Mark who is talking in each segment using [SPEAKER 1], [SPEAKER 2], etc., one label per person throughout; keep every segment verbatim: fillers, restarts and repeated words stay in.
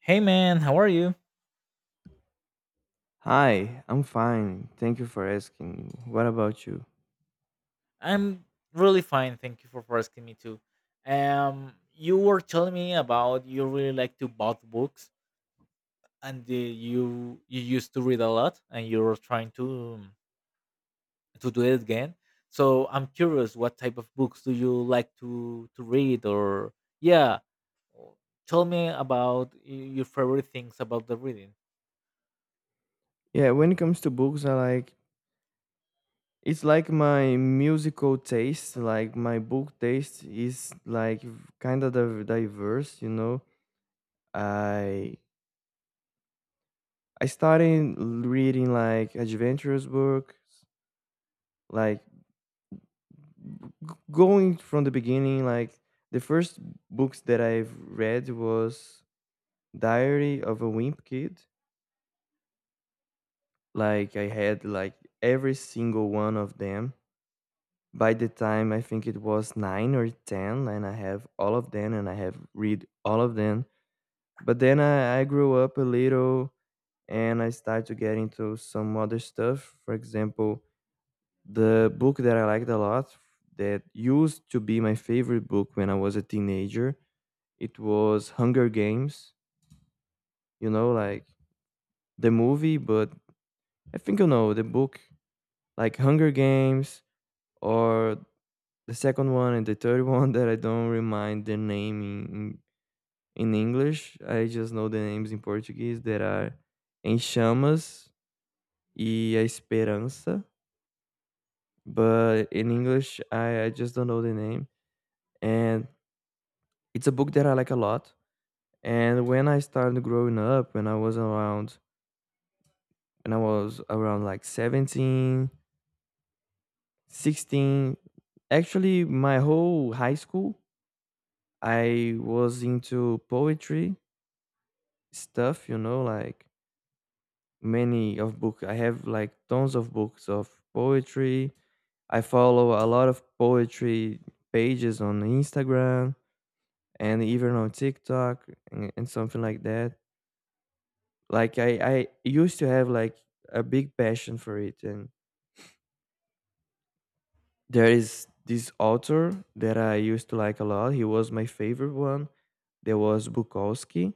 [SPEAKER 1] Hey man, how are you?
[SPEAKER 2] Hi, I'm fine. Thank you for asking. What about you?
[SPEAKER 1] I'm really fine. Thank you for for asking me too. Um, you were telling me about you really like to bought books and uh, you you used to read a lot, and you're trying to um, to do it again. So I'm curious, what type of books do you like to to read or yeah, or tell me about y- your favorite things about the reading.
[SPEAKER 2] Yeah, when it comes to books, I like it's like my musical taste. Like my book taste is like kind of diverse, you know. I I started reading like adventurous book, like g- going from the beginning. Like the first books that I've read was Diary of a Wimp Kid. Like I had like every single one of them by the time I think it was nine or ten, and I have all of them, and I have read all of them. But then I, I grew up a little, and I started to get into some other stuff. For example, the book that I liked a lot, that used to be my favorite book when I was a teenager, it was Hunger Games. You know, like the movie, but I think you know the book, like Hunger Games or the second one and the third one that I don't remind the name in, in English. I just know the names in Portuguese that are Em Chamas e A Esperança. But in English, I, I just don't know the name. And it's a book that I like a lot. And when I started growing up, when I was around, when I was around like seventeen, sixteen, actually my whole high school, I was into poetry stuff, you know, like many of books I have like tons of books of poetry. I follow a lot of poetry pages on Instagram and even on TikTok, and, and something like that. Like i i used to have like a big passion for it, and there is this author that I used to like a lot. He was my favorite one. There was Bukowski,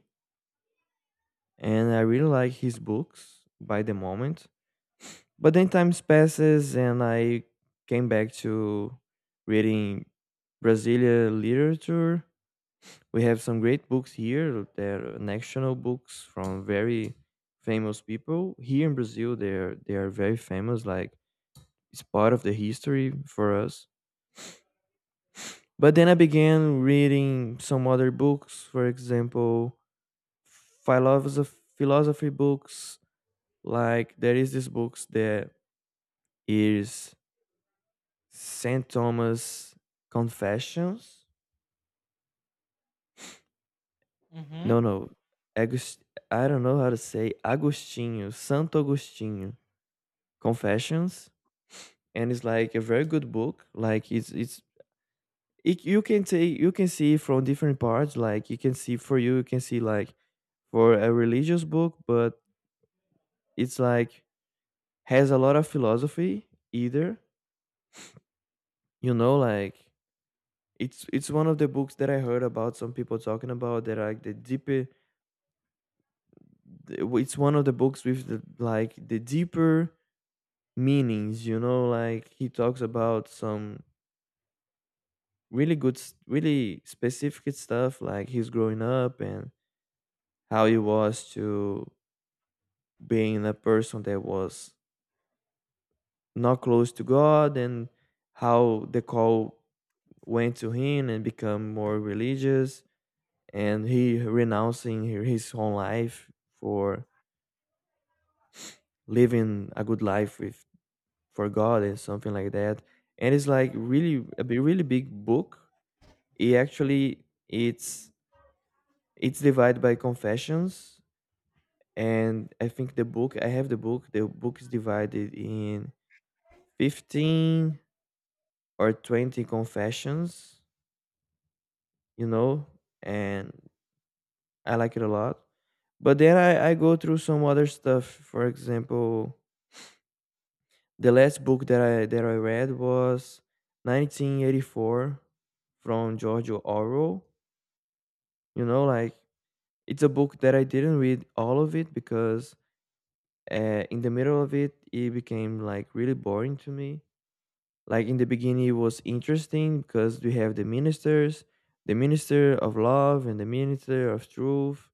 [SPEAKER 2] and I really like his books by the moment. But then times passes, and I came back to reading Brazilian literature. We have some great books here. They're national books from very famous people. Here in Brazil they're they are very famous, like it's part of the history for us. But then I began reading some other books, for example, philosophy philosophy books. Like there is this books that is saint Thomas Confessions.
[SPEAKER 1] Mm-hmm.
[SPEAKER 2] No, no. Agus- I don't know how to say Agostinho, Santo Agostinho Confessions, and it's like a very good book. Like it's it's it, you can take you can see from different parts. Like you can see for you, you can see like for a religious book, but it's like has a lot of philosophy either. You know, like it's it's one of the books that I heard about some people talking about that are like the deeper it's one of the books with the like the deeper meanings, you know. Like he talks about some really good s- really specific stuff like his growing up and how he was to being a person that was not close to god, and how the call went to him and become more religious, and he renouncing hi- his own life for living a good life with for God and something like that. And it's like really a bi- really big book. It actually it's it's divided by confessions, and I think the book I have the book. The book is divided in fifteen or twenty confessions, you know, and I like it a lot. But then I, I go through some other stuff. For example, the last book that I that I read was nineteen eighty-four from George Orwell. You know, like it's a book that I didn't read all of it because uh, in the middle of it, it became like really boring to me. Like in the beginning, it was interesting because we have the ministers, the minister of love and the minister of truth,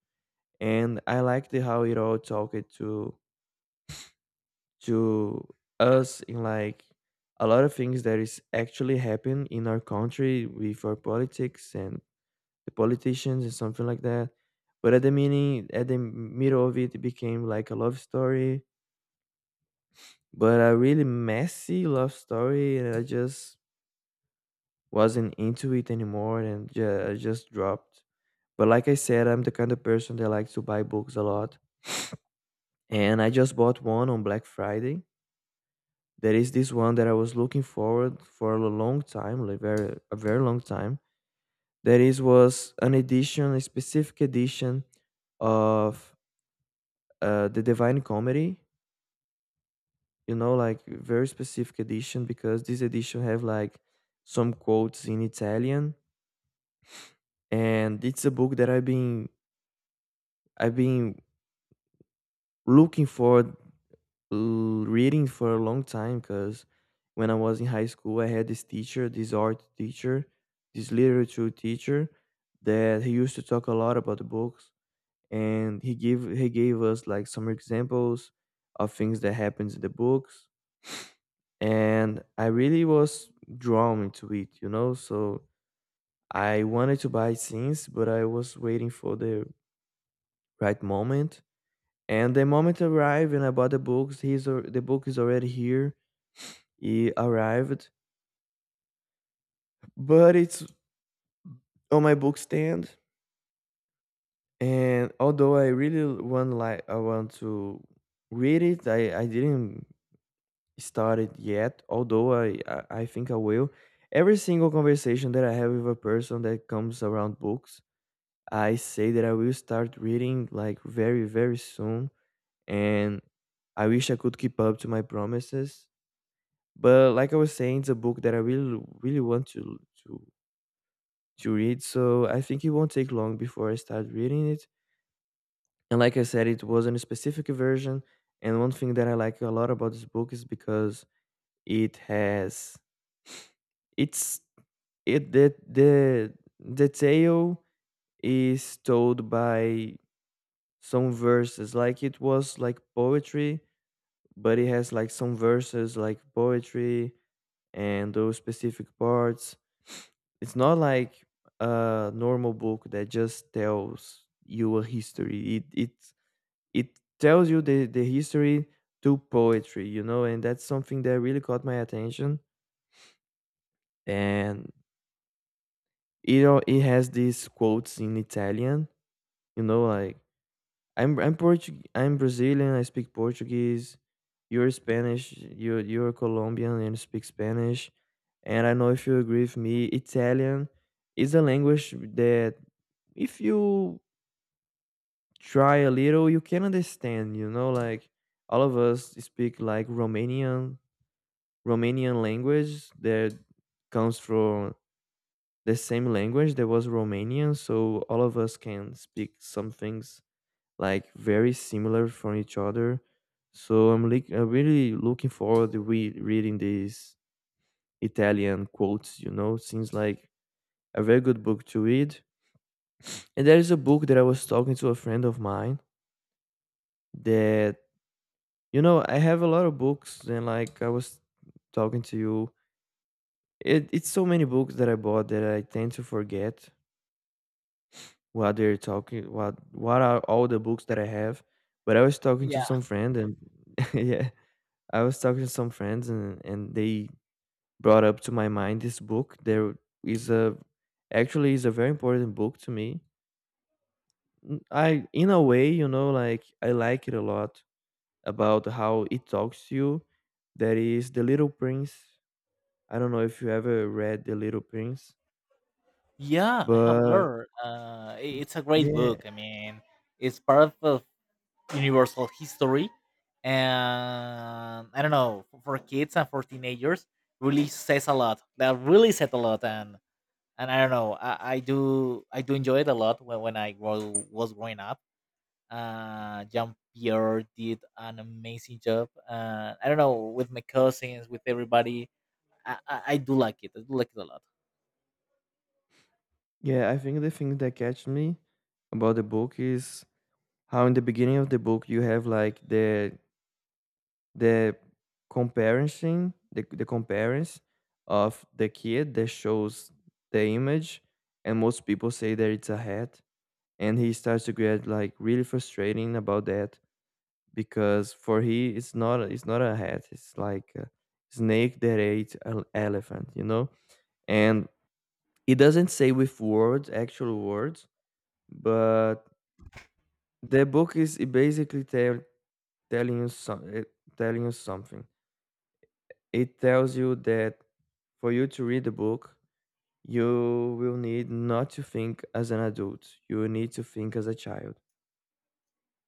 [SPEAKER 2] and I liked it how it all talked to to us in like a lot of things that is actually happening in our country with our politics and the politicians and something like that. But at the meaning, at the middle of it, it became like a love story, but a really messy love story, and I just wasn't into it anymore, and ju- I just dropped. But like I said, I'm the kind of person that likes to buy books a lot, and I just bought one on Black Friday. There is this one that I was looking forward for a long time, like very a very long time. There is was an edition, a specific edition of uh, the Divine Comedy, you know, like very specific edition because this edition have like some quotes in Italian, and it's a book that I've been I've been looking for l- reading for a long time because when I was in high school, I had this teacher, this art teacher, this literature teacher that he used to talk a lot about the books, and he gave he gave us like some examples of things that happens in the books, and I really was drawn into it, you know. So I wanted to buy things, but I was waiting for the right moment. And the moment arrived, and I bought the books. He's al- the book is already here. It arrived, but it's on my book stand. And although I really want like I want to read it, I I didn't start it yet. Although I I, I think I will. Every single conversation that I have with a person that comes around books, I say that I will start reading like very, very soon. And I wish I could keep up to my promises. But like I was saying, it's a book that I really, really want to to to read. So I think it won't take long before I start reading it. And like I said, it wasn't a specific version. And one thing that I like a lot about this book is because it has it's it the the the tale is told by some verses like it was like poetry, but it has like some verses like poetry, and those specific parts, it's not like a normal book that just tells you a history. It it it tells you the the history through poetry, you know, and that's something that really caught my attention. And it know it has these quotes in Italian, you know. Like I'm I'm Portuguese. I'm Brazilian. I speak Portuguese. You're Spanish. You're you're Colombian and speak Spanish. And I know if you agree with me, Italian is a language that if you try a little, you can understand. You know, like all of us speak like Romanian Romanian language that comes from the same language that was Romanian. So all of us can speak some things like very similar from each other. So I'm like I'm really looking forward to re- reading these Italian quotes. You know, seems like a very good book to read. And there is a book that I was talking to a friend of mine that you know I have a lot of books, and like I was talking to you. It, it's so many books that I bought that I tend to forget what they're talking what what are all the books that I have. But I was talking to
[SPEAKER 1] Yeah,
[SPEAKER 2] some friend and yeah, I was talking to some friends, and and they brought up to my mind this book. There is a Actually is a very important book to me. N- I in a way, you know, like I like it a lot about how it talks to you. That is The Little Prince. I don't know if you ever read The Little Prince,
[SPEAKER 1] yeah, I have
[SPEAKER 2] but
[SPEAKER 1] learned. Uh, i- it's a great
[SPEAKER 2] yeah,
[SPEAKER 1] book. I mean, it's part of universal history, and I don't know, for kids and for teenagers, really says a lot, that really said a lot. And and i don't know i, I do i do enjoy it a lot when, when i grow, was growing up. Uh jean Pierre did an amazing job. uh I don't know, with my cousins, with everybody. I, I i do like it, i do like it a lot.
[SPEAKER 2] yeah, I think the thing that catch me about the book is how in the beginning of the book you have like the the comparison the, the comparison of the kid that shows the image, and most people say that it's a hat, and he starts to get like really frustrating about that because for he it's not it's not a hat. It's like a snake that ate an elephant, you know. And it doesn't say with words actual words, but the book is basically tell, telling you some, telling you something. It tells you that for you to read the book, you will need not to think as an adult. You need to think as a child.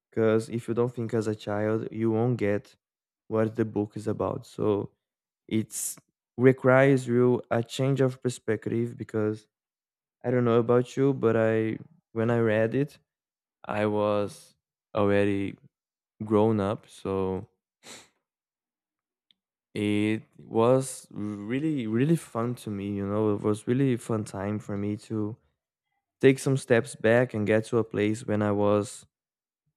[SPEAKER 2] Because if you don't think as a child, you won't get what the book is about. So it's requires you a change of perspective because I don't know about you, but I when I read it, I was already grown up. So it was really, really fun to me, you know. It was really fun time for me to take some steps back and get to a place when I was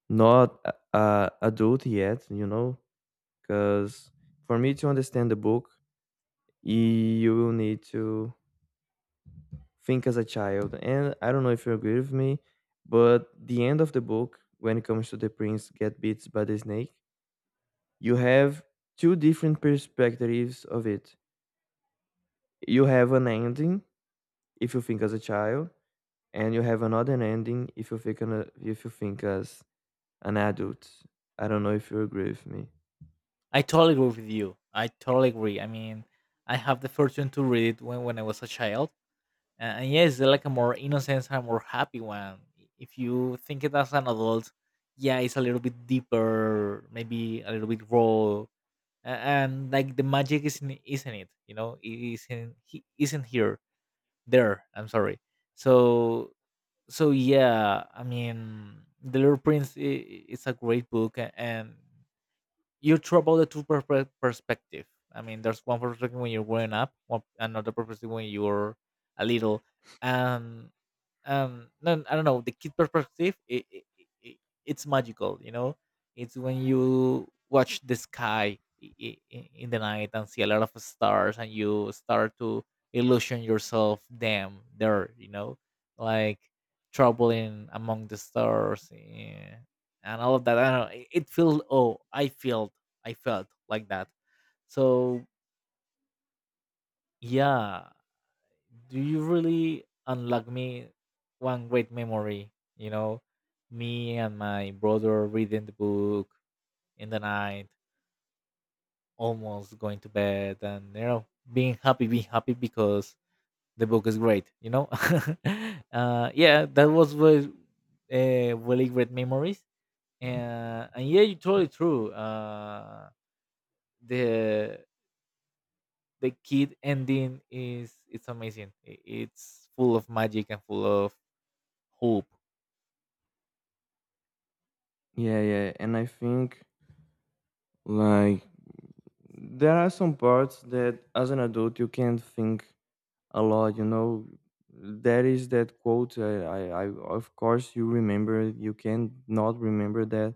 [SPEAKER 2] not a a adult yet, you know, because for me to understand the book, you will need to think as a child. And I don't know if you agree with me, but the end of the book, when it comes to the prince get beat by the snake, you have two different perspectives of it. You have an ending if you think as a child, and you have another ending if you think an, a- if you think as an adult. I don't know if you agree with me.
[SPEAKER 1] I totally agree with you, I totally agree. I mean, I have the fortune to read it when, when I was a child. Uh, and yes, it's like a more innocent and more happy one. I- If you think it as an adult, yeah, it's a little bit deeper, maybe a little bit raw, a- and like the magic isn't isn't it? You know, it isn't, he isn't here there. I'm sorry. So so yeah, I mean, The Little Prince i- i- it's a great book, a- and you throw the two per- perspective. I mean, there's one perspective when you're growing up, one another perspective when you're a little, and um, no, I don't know. The kid perspective, it, it, it, it's magical. You know, it's when you watch the sky i- i- i- in the night and see a lot of stars, and you start to illusion yourself them there. You know, like traveling among the stars. Eh, and all of that. I don't know. It it felt, oh, I felt, I felt like that. So yeah, do you really unlock me one great memory? You know, me and my brother reading the book in the night, almost going to bed, and you know, being happy, being happy because the book is great. You know, uh, yeah, that was was uh, really great memories. And, and yeah, you're totally true. Uh, the the kid ending is, it's amazing. I- It's full of magic and full of hope.
[SPEAKER 2] Yeah, yeah, and I think like there are some parts that as an adult you can't think a lot. You know, there is that quote. I, I, I of course you remember. You can not remember that.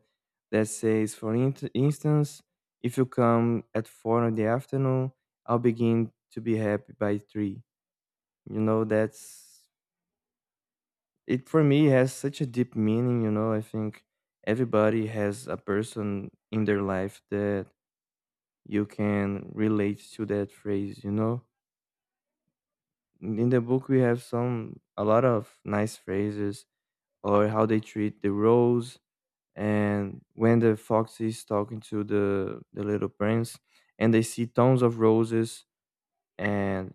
[SPEAKER 2] That says, for int- instance, if you come at four in the afternoon, I'll begin to be happy by three. You know, that's it. For me has such a deep meaning, you know. I think everybody has a person in their life that you can relate to that phrase, you know. In the book we have some a lot of nice phrases, or how they treat the rose. And when the fox is talking to the the little prince and they see tons of roses, and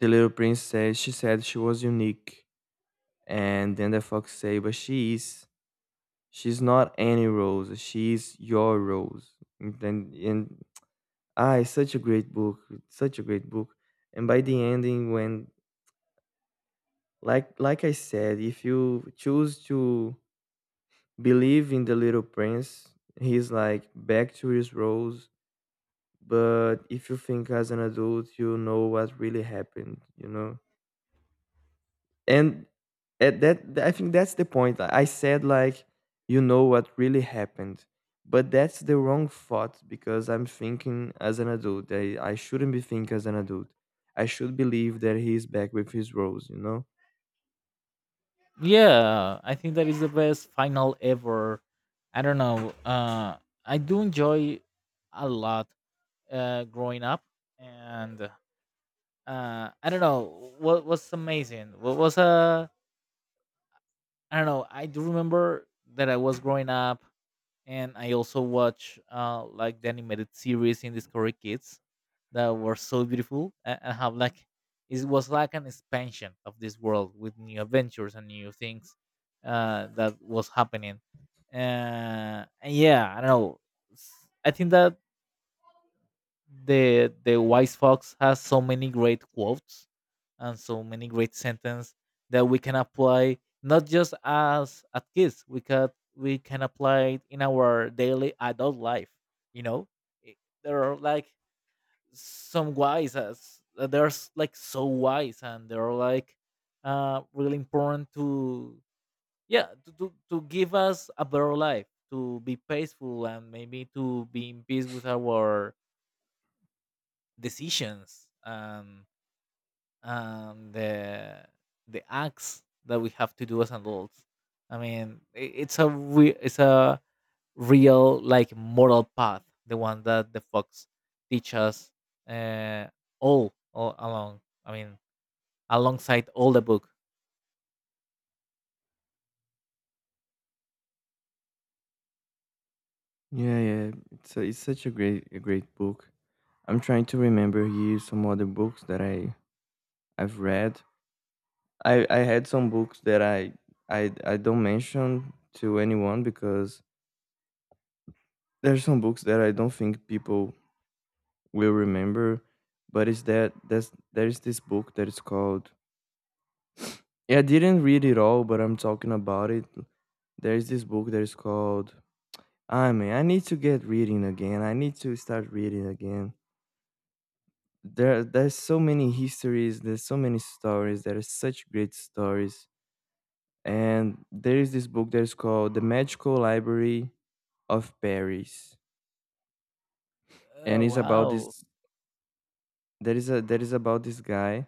[SPEAKER 2] the little prince says she said she was unique, and then the fox say but she is, she's not any rose. She's your rose. And then- and ah, It's such a great book. It's such a great book. And by the ending, when like like I said, if you choose to believe in the little prince, he's like back to his rose. But if you think as an adult, you know what really happened. You know. And at that th- I think that's the point. I I said, like, you know what really happened, but that's the wrong thought, because I'm thinking as an adult. I, I shouldn't be thinking as an adult. I should believe that he's back with his rose, you know.
[SPEAKER 1] Yeah, I think that is the best final ever. I don't know. Uh, I do enjoy a lot, uh, growing up, and uh, I don't know what was amazing. What was, uh, I don't know. I do remember that I was growing up. And I also watch uh like the animated series in Discovery Kids, that were so beautiful, and, and have like, it was like an expansion of this world with new adventures and new things uh that was happening. Uh and yeah, I don't know. s- I think that the the Wise Fox has so many great quotes and so many great sentences that we can apply, not just as at kids, we can we can apply it in our daily adult life, you know. I- there are like some wise, as they're s- like so wise, and they're like uh really important to, yeah, to, to to give us a better life, to be peaceful and maybe to be in peace with our decisions. Um and the the acts that we have to do as adults. I mean, i- it's a re- it's a real like moral path, the one that the fox teach us, uh, all all along. I mean, alongside all the book.
[SPEAKER 2] Yeah, yeah, it's, a, it's such a great a great book. I'm trying to remember here some other books that i i've read. I i had some books that i i, I don't mention to anyone, because there's some books that I don't think people will remember. But it's that that's there's this book that is called. Yeah, I didn't read it all, but I'm talking about it. There's this book that is called. I mean, I need to get reading again. I need to start reading again. There, there's so many histories. There's so many stories. There are such great stories. And there is this book that is called The Magical Library of Paris, and
[SPEAKER 1] Uh,
[SPEAKER 2] it's about
[SPEAKER 1] wow.
[SPEAKER 2] this. There is a there is about this guy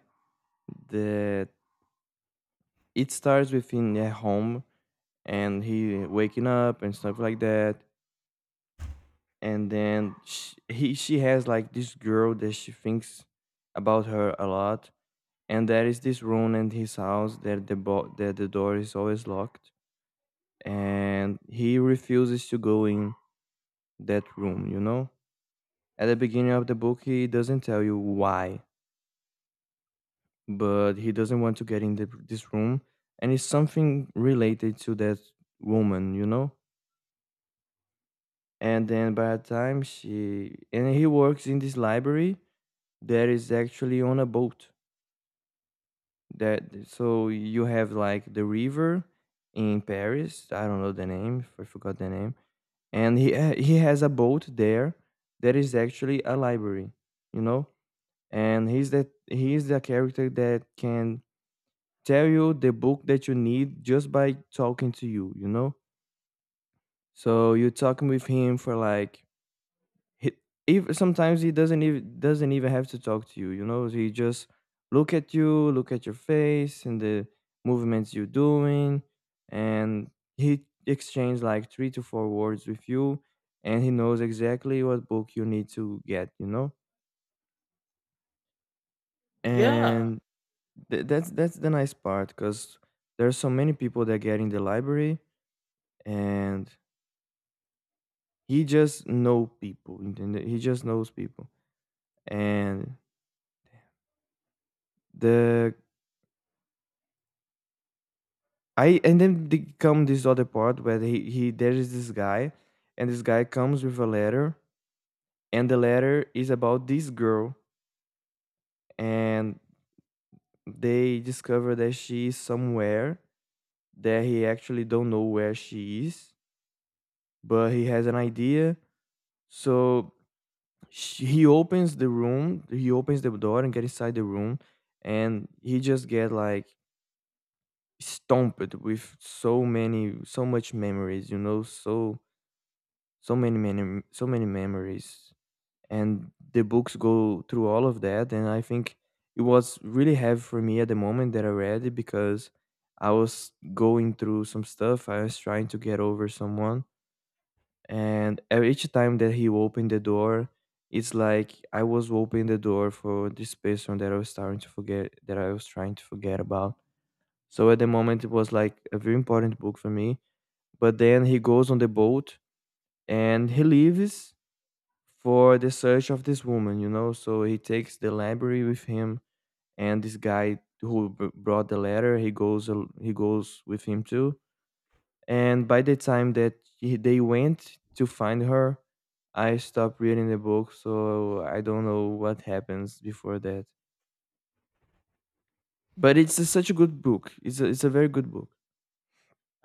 [SPEAKER 2] that it starts within their home and he waking up and stuff like that. And then she, he she has like this girl that she thinks about her a lot. And there is this room in his house that the bo- that the door is always locked, and he refuses to go in that room, you know. At the beginning of the book he doesn't tell you why, but he doesn't want to get in the, this room, and it's something related to that woman, you know. And then by the time she and he works in this library that is actually on a boat, that so you have like the river in Paris. I don't know the name. I forgot the name. And he ha- he has a boat there that is actually a library, you know. And he's that he is the character that can tell you the book that you need just by talking to you, you know. So you're talking with him for, like, he, even sometimes he doesn't even doesn't even have to talk to you you know He just look at you, look at your face and the movements you're doing, and he exchange like three to four words with you, and he knows exactly what book you need to get, you know.
[SPEAKER 1] Yeah.
[SPEAKER 2] And th- that's that's the nice part, because there's so many people that get in the library, and he just know people, and he just knows people. And the I and then they come this other part where he, he there is this guy, and this guy comes with a letter, and the letter is about this girl, and they discover that she is somewhere, that he actually don't know where she is, but he has an idea. So sh he opens the room, he opens the door and get inside the room, and he just get like stomped with so many so much memories, you know. So so many many so many memories, and the books go through all of that. And I think it was really heavy for me at the moment that I read it, because I was going through some stuff, I was trying to get over someone, and e- each time that he opened the door, it's like I was opening the door for this person that I was starting to forget, that I was trying to forget about. So at the moment it was like a very important book for me. But then he goes on the boat and he leaves for the search of this woman, you know. So he takes the library with him, and this guy who b- brought the letter, he goes al- he goes with him too. And by the time that he, they went to find her, I stopped reading the book, so I don't know what happens before that. But it's a, such a good book. It's a, it's a very good book.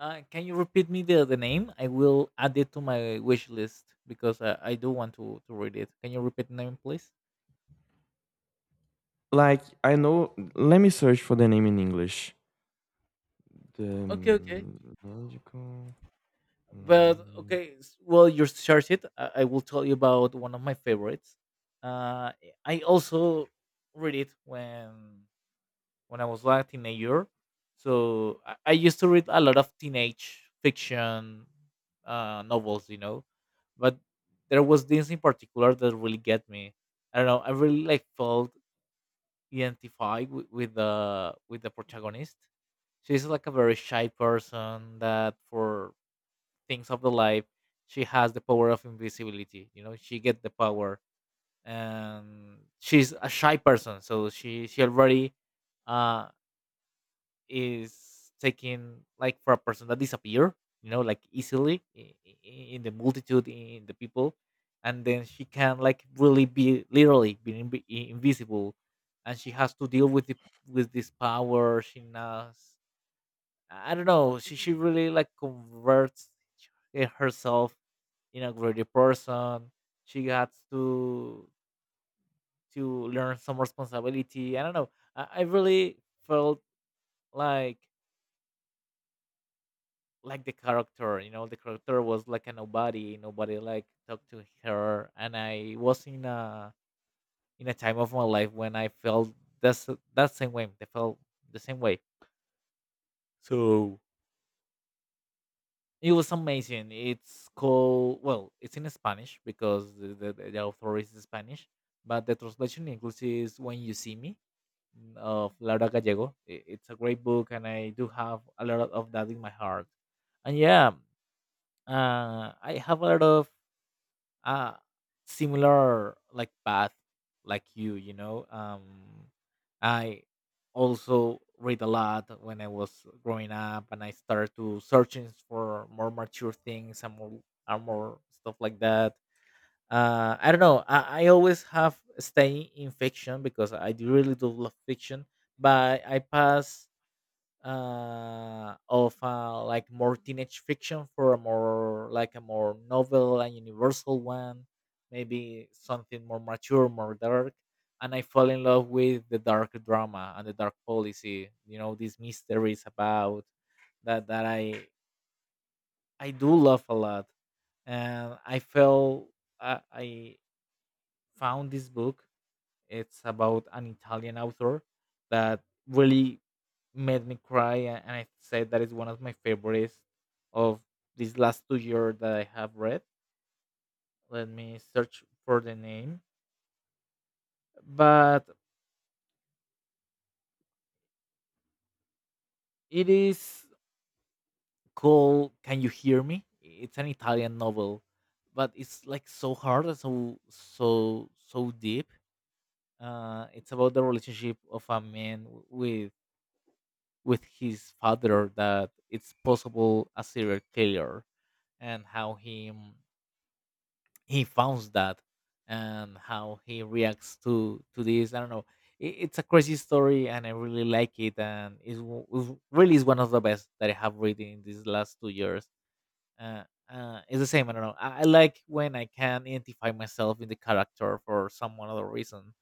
[SPEAKER 1] Uh, can you repeat me the, the name? I will add it to my wish list because uh, I do want to, to read it. Can you repeat the name, please?
[SPEAKER 2] Like I know, let me search for the name in English. The
[SPEAKER 1] Okay, okay.
[SPEAKER 2] um, magical
[SPEAKER 1] but
[SPEAKER 2] library.
[SPEAKER 1] Okay, s- well, you search it. I, I will tell you about one of my favorites. uh I also read it when when I was like a teenager, so i, I used to read a lot of teenage fiction uh novels, you know. But there was this in particular that really get me, I don't know. I really like felt identified with, with the with the protagonist. She's like a very shy person that, for things of the life, she has the power of invisibility. You know, she get the power, and she's a shy person, so she she already uh is taken like for a person that disappear, you know, like easily in, in the multitude, in the people. And then she can like really be, literally be invi- invisible, and she has to deal with the, with this power. She knows, I don't know. She she really like converts h- herself in a greater person. She got to to learn some responsibility. I don't know. I, I really felt like like the character. You know, the character was like a nobody. Nobody like talked to her, and I was in a, in a time of my life when I felt that's, that same way. I felt the same way. So it was amazing. It's called, well, it's in Spanish because the the, the author is Spanish, but the translation in English is "When You See Me", mm, of Laura Gallego. I- It's a great book, and I do have a lot of that in my heart. And yeah, uh, I have a lot of uh similar like path like you you know. um I also read a lot when I was growing up, and I started to searching for more mature things, and more and more stuff like that. uh I don't know, i, I always have stay in fiction because I do really do love fiction, but I pass uh of uh like more teenage fiction for a more like a more novel and universal one, maybe something more mature, more dark. And I fall in love with the dark drama and the dark policy, you know, these mysteries about that, that i I do love a lot. And I felt, i I found this book. It's about an Italian author that really made me cry, a- and I said that is one of my favorites of these last two years that I have read. Let me search for the name, but it is called "Can You Hear Me?" It's an Italian novel, but it's like so hard and so so so deep. Uh, it's about the relationship of a man w- with with his father that it's possible a serial killer, and how he, mm, he founds that, and how he reacts to to this. I don't know. It, it's a crazy story, and I really like it, and it's, w- it's really is one of the best that I have read in these last two years. Uh, uh, it's the same. I don't know. I, I like when I can identify myself in the character for some other reason,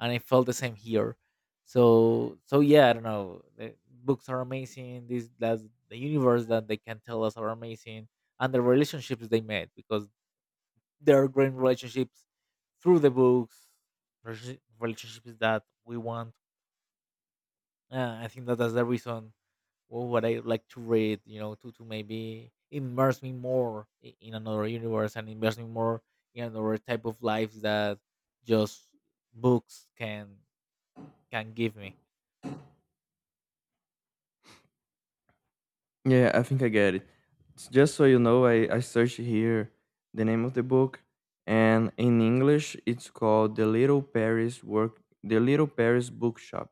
[SPEAKER 1] and I felt the same here. So, so yeah, I don't know. The books are amazing. This That's the universe that they can tell us are amazing, and the relationships they made, because there are great relationships through the books, relation- relationships that we want. uh, I think that that's the reason, wh- what I like to read, you know, to, to maybe immerse me more i- in another universe and immerse me more in another type of life that just books can can give me.
[SPEAKER 2] Yeah, I think I get it. S- Just so you know, I, I searched here the name of the book, and in English it's called The Little Paris Work The Little Paris Bookshop.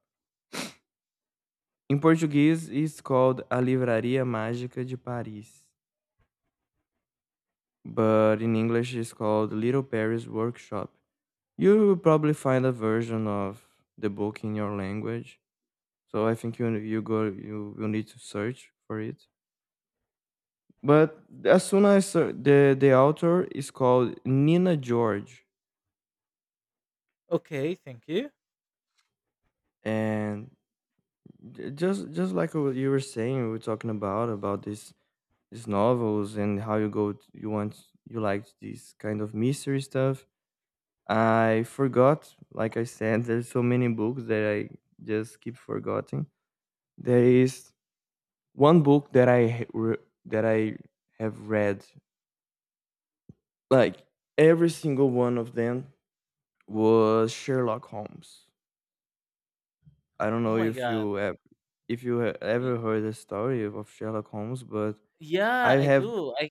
[SPEAKER 2] In Portuguese, it's called A Livraria Mágica de Paris, but in English it's called Little Paris Workshop. You will probably find a version of the book in your language, so I think you you go you will need to search for it. But as soon as I saw- the the author is called Nina George,
[SPEAKER 1] Okay, thank you.
[SPEAKER 2] and j- just just like what you were saying, we were talking about about these these novels, and how you go t- you want you like this kind of mystery stuff. I forgot, like I said, there's so many books that I just keep forgetting. There is one book that I ha- re- that I have read, like every single one of them, was Sherlock Holmes. I don't
[SPEAKER 1] Oh
[SPEAKER 2] know
[SPEAKER 1] my
[SPEAKER 2] if
[SPEAKER 1] god.
[SPEAKER 2] you ev- if you ha-
[SPEAKER 1] Y-
[SPEAKER 2] ever heard the story of Sherlock Holmes, but I
[SPEAKER 1] Yeah, I
[SPEAKER 2] have.
[SPEAKER 1] do. I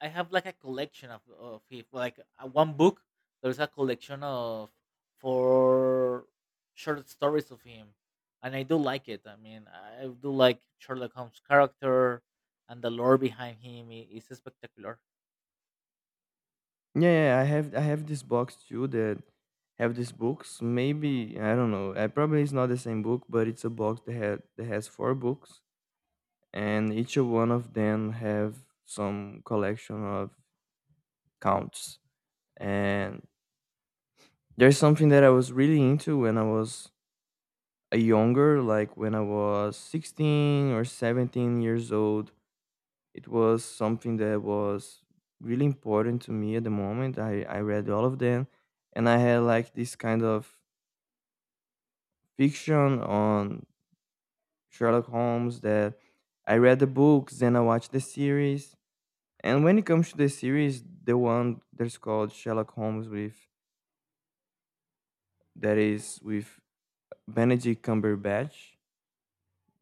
[SPEAKER 1] I have like a collection of of his like uh, one book. There's a collection of four short stories of him, and I do like it. I mean, I do like Sherlock Holmes' character, and the lore behind him i- is spectacular.
[SPEAKER 2] Yeah, yeah, I have I have this box too that have these books. Maybe I don't know. I probably, it's not the same book, but it's a box that had that has four books, and each of one of them have some collection of counts. And there's something that I was really into when I was a younger, like when I was sixteen or seventeen years old. It was something that was really important to me at the moment. I, I read all of them, and I had like this kind of fiction on Sherlock Holmes, that I read the books and I watched the series. And when it comes to the series, the one that's called Sherlock Holmes, with that is with Benedict Cumberbatch,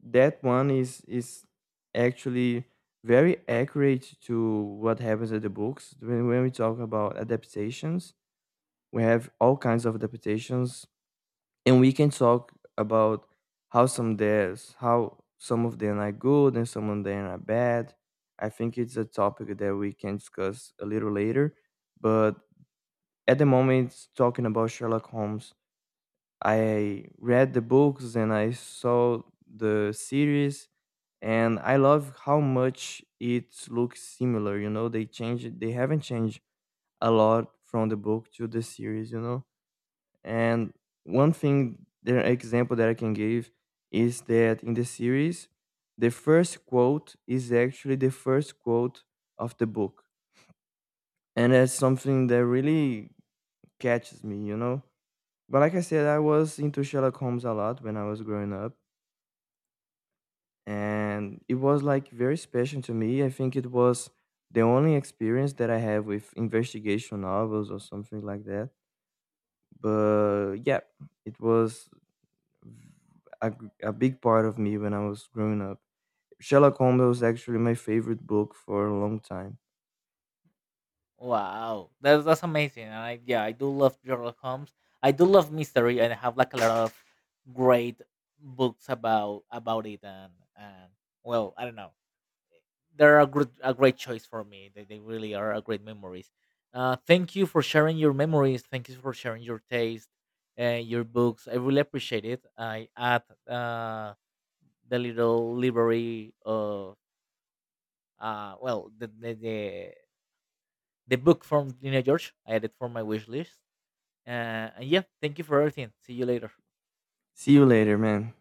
[SPEAKER 2] that one is is actually very accurate to what happens at the books. When, when we talk about adaptations, we have all kinds of reputations, and we can talk about how some there's how some of them are good and some of them are bad. I think it's a topic that we can discuss a little later, but at the moment, talking about Sherlock Holmes, I read the books and I saw the series, and I love how much it looks similar. You know, they changed, they haven't changed a lot from the book to the series. You know, and one thing, the example that I can give is that in the series, the first quote is actually the first quote of the book. And that's something that really catches me, you know? But like I said, I was into Sherlock Holmes a lot when I was growing up. And it was like very special to me. I think it was the only experience that I have with investigation novels or something like that. But yeah, it was a, a big part of me when I was growing up. Sherlock Holmes was actually my favorite book for a long time.
[SPEAKER 1] Wow, that's that's amazing. And I, yeah, I do love Sherlock Holmes. I do love mystery, and I have like a lot of great books about about it. And and well, I don't know, they're a great, a great choice for me. They, they really are a great memories. Uh, thank you for sharing your memories. Thank you for sharing your taste, uh, your books. I really appreciate it. I add uh, the little library of, uh, well, the the, the the book from Lina George. I added for my wish list. Uh, and yeah, thank you for everything. See you later.
[SPEAKER 2] See you later, man.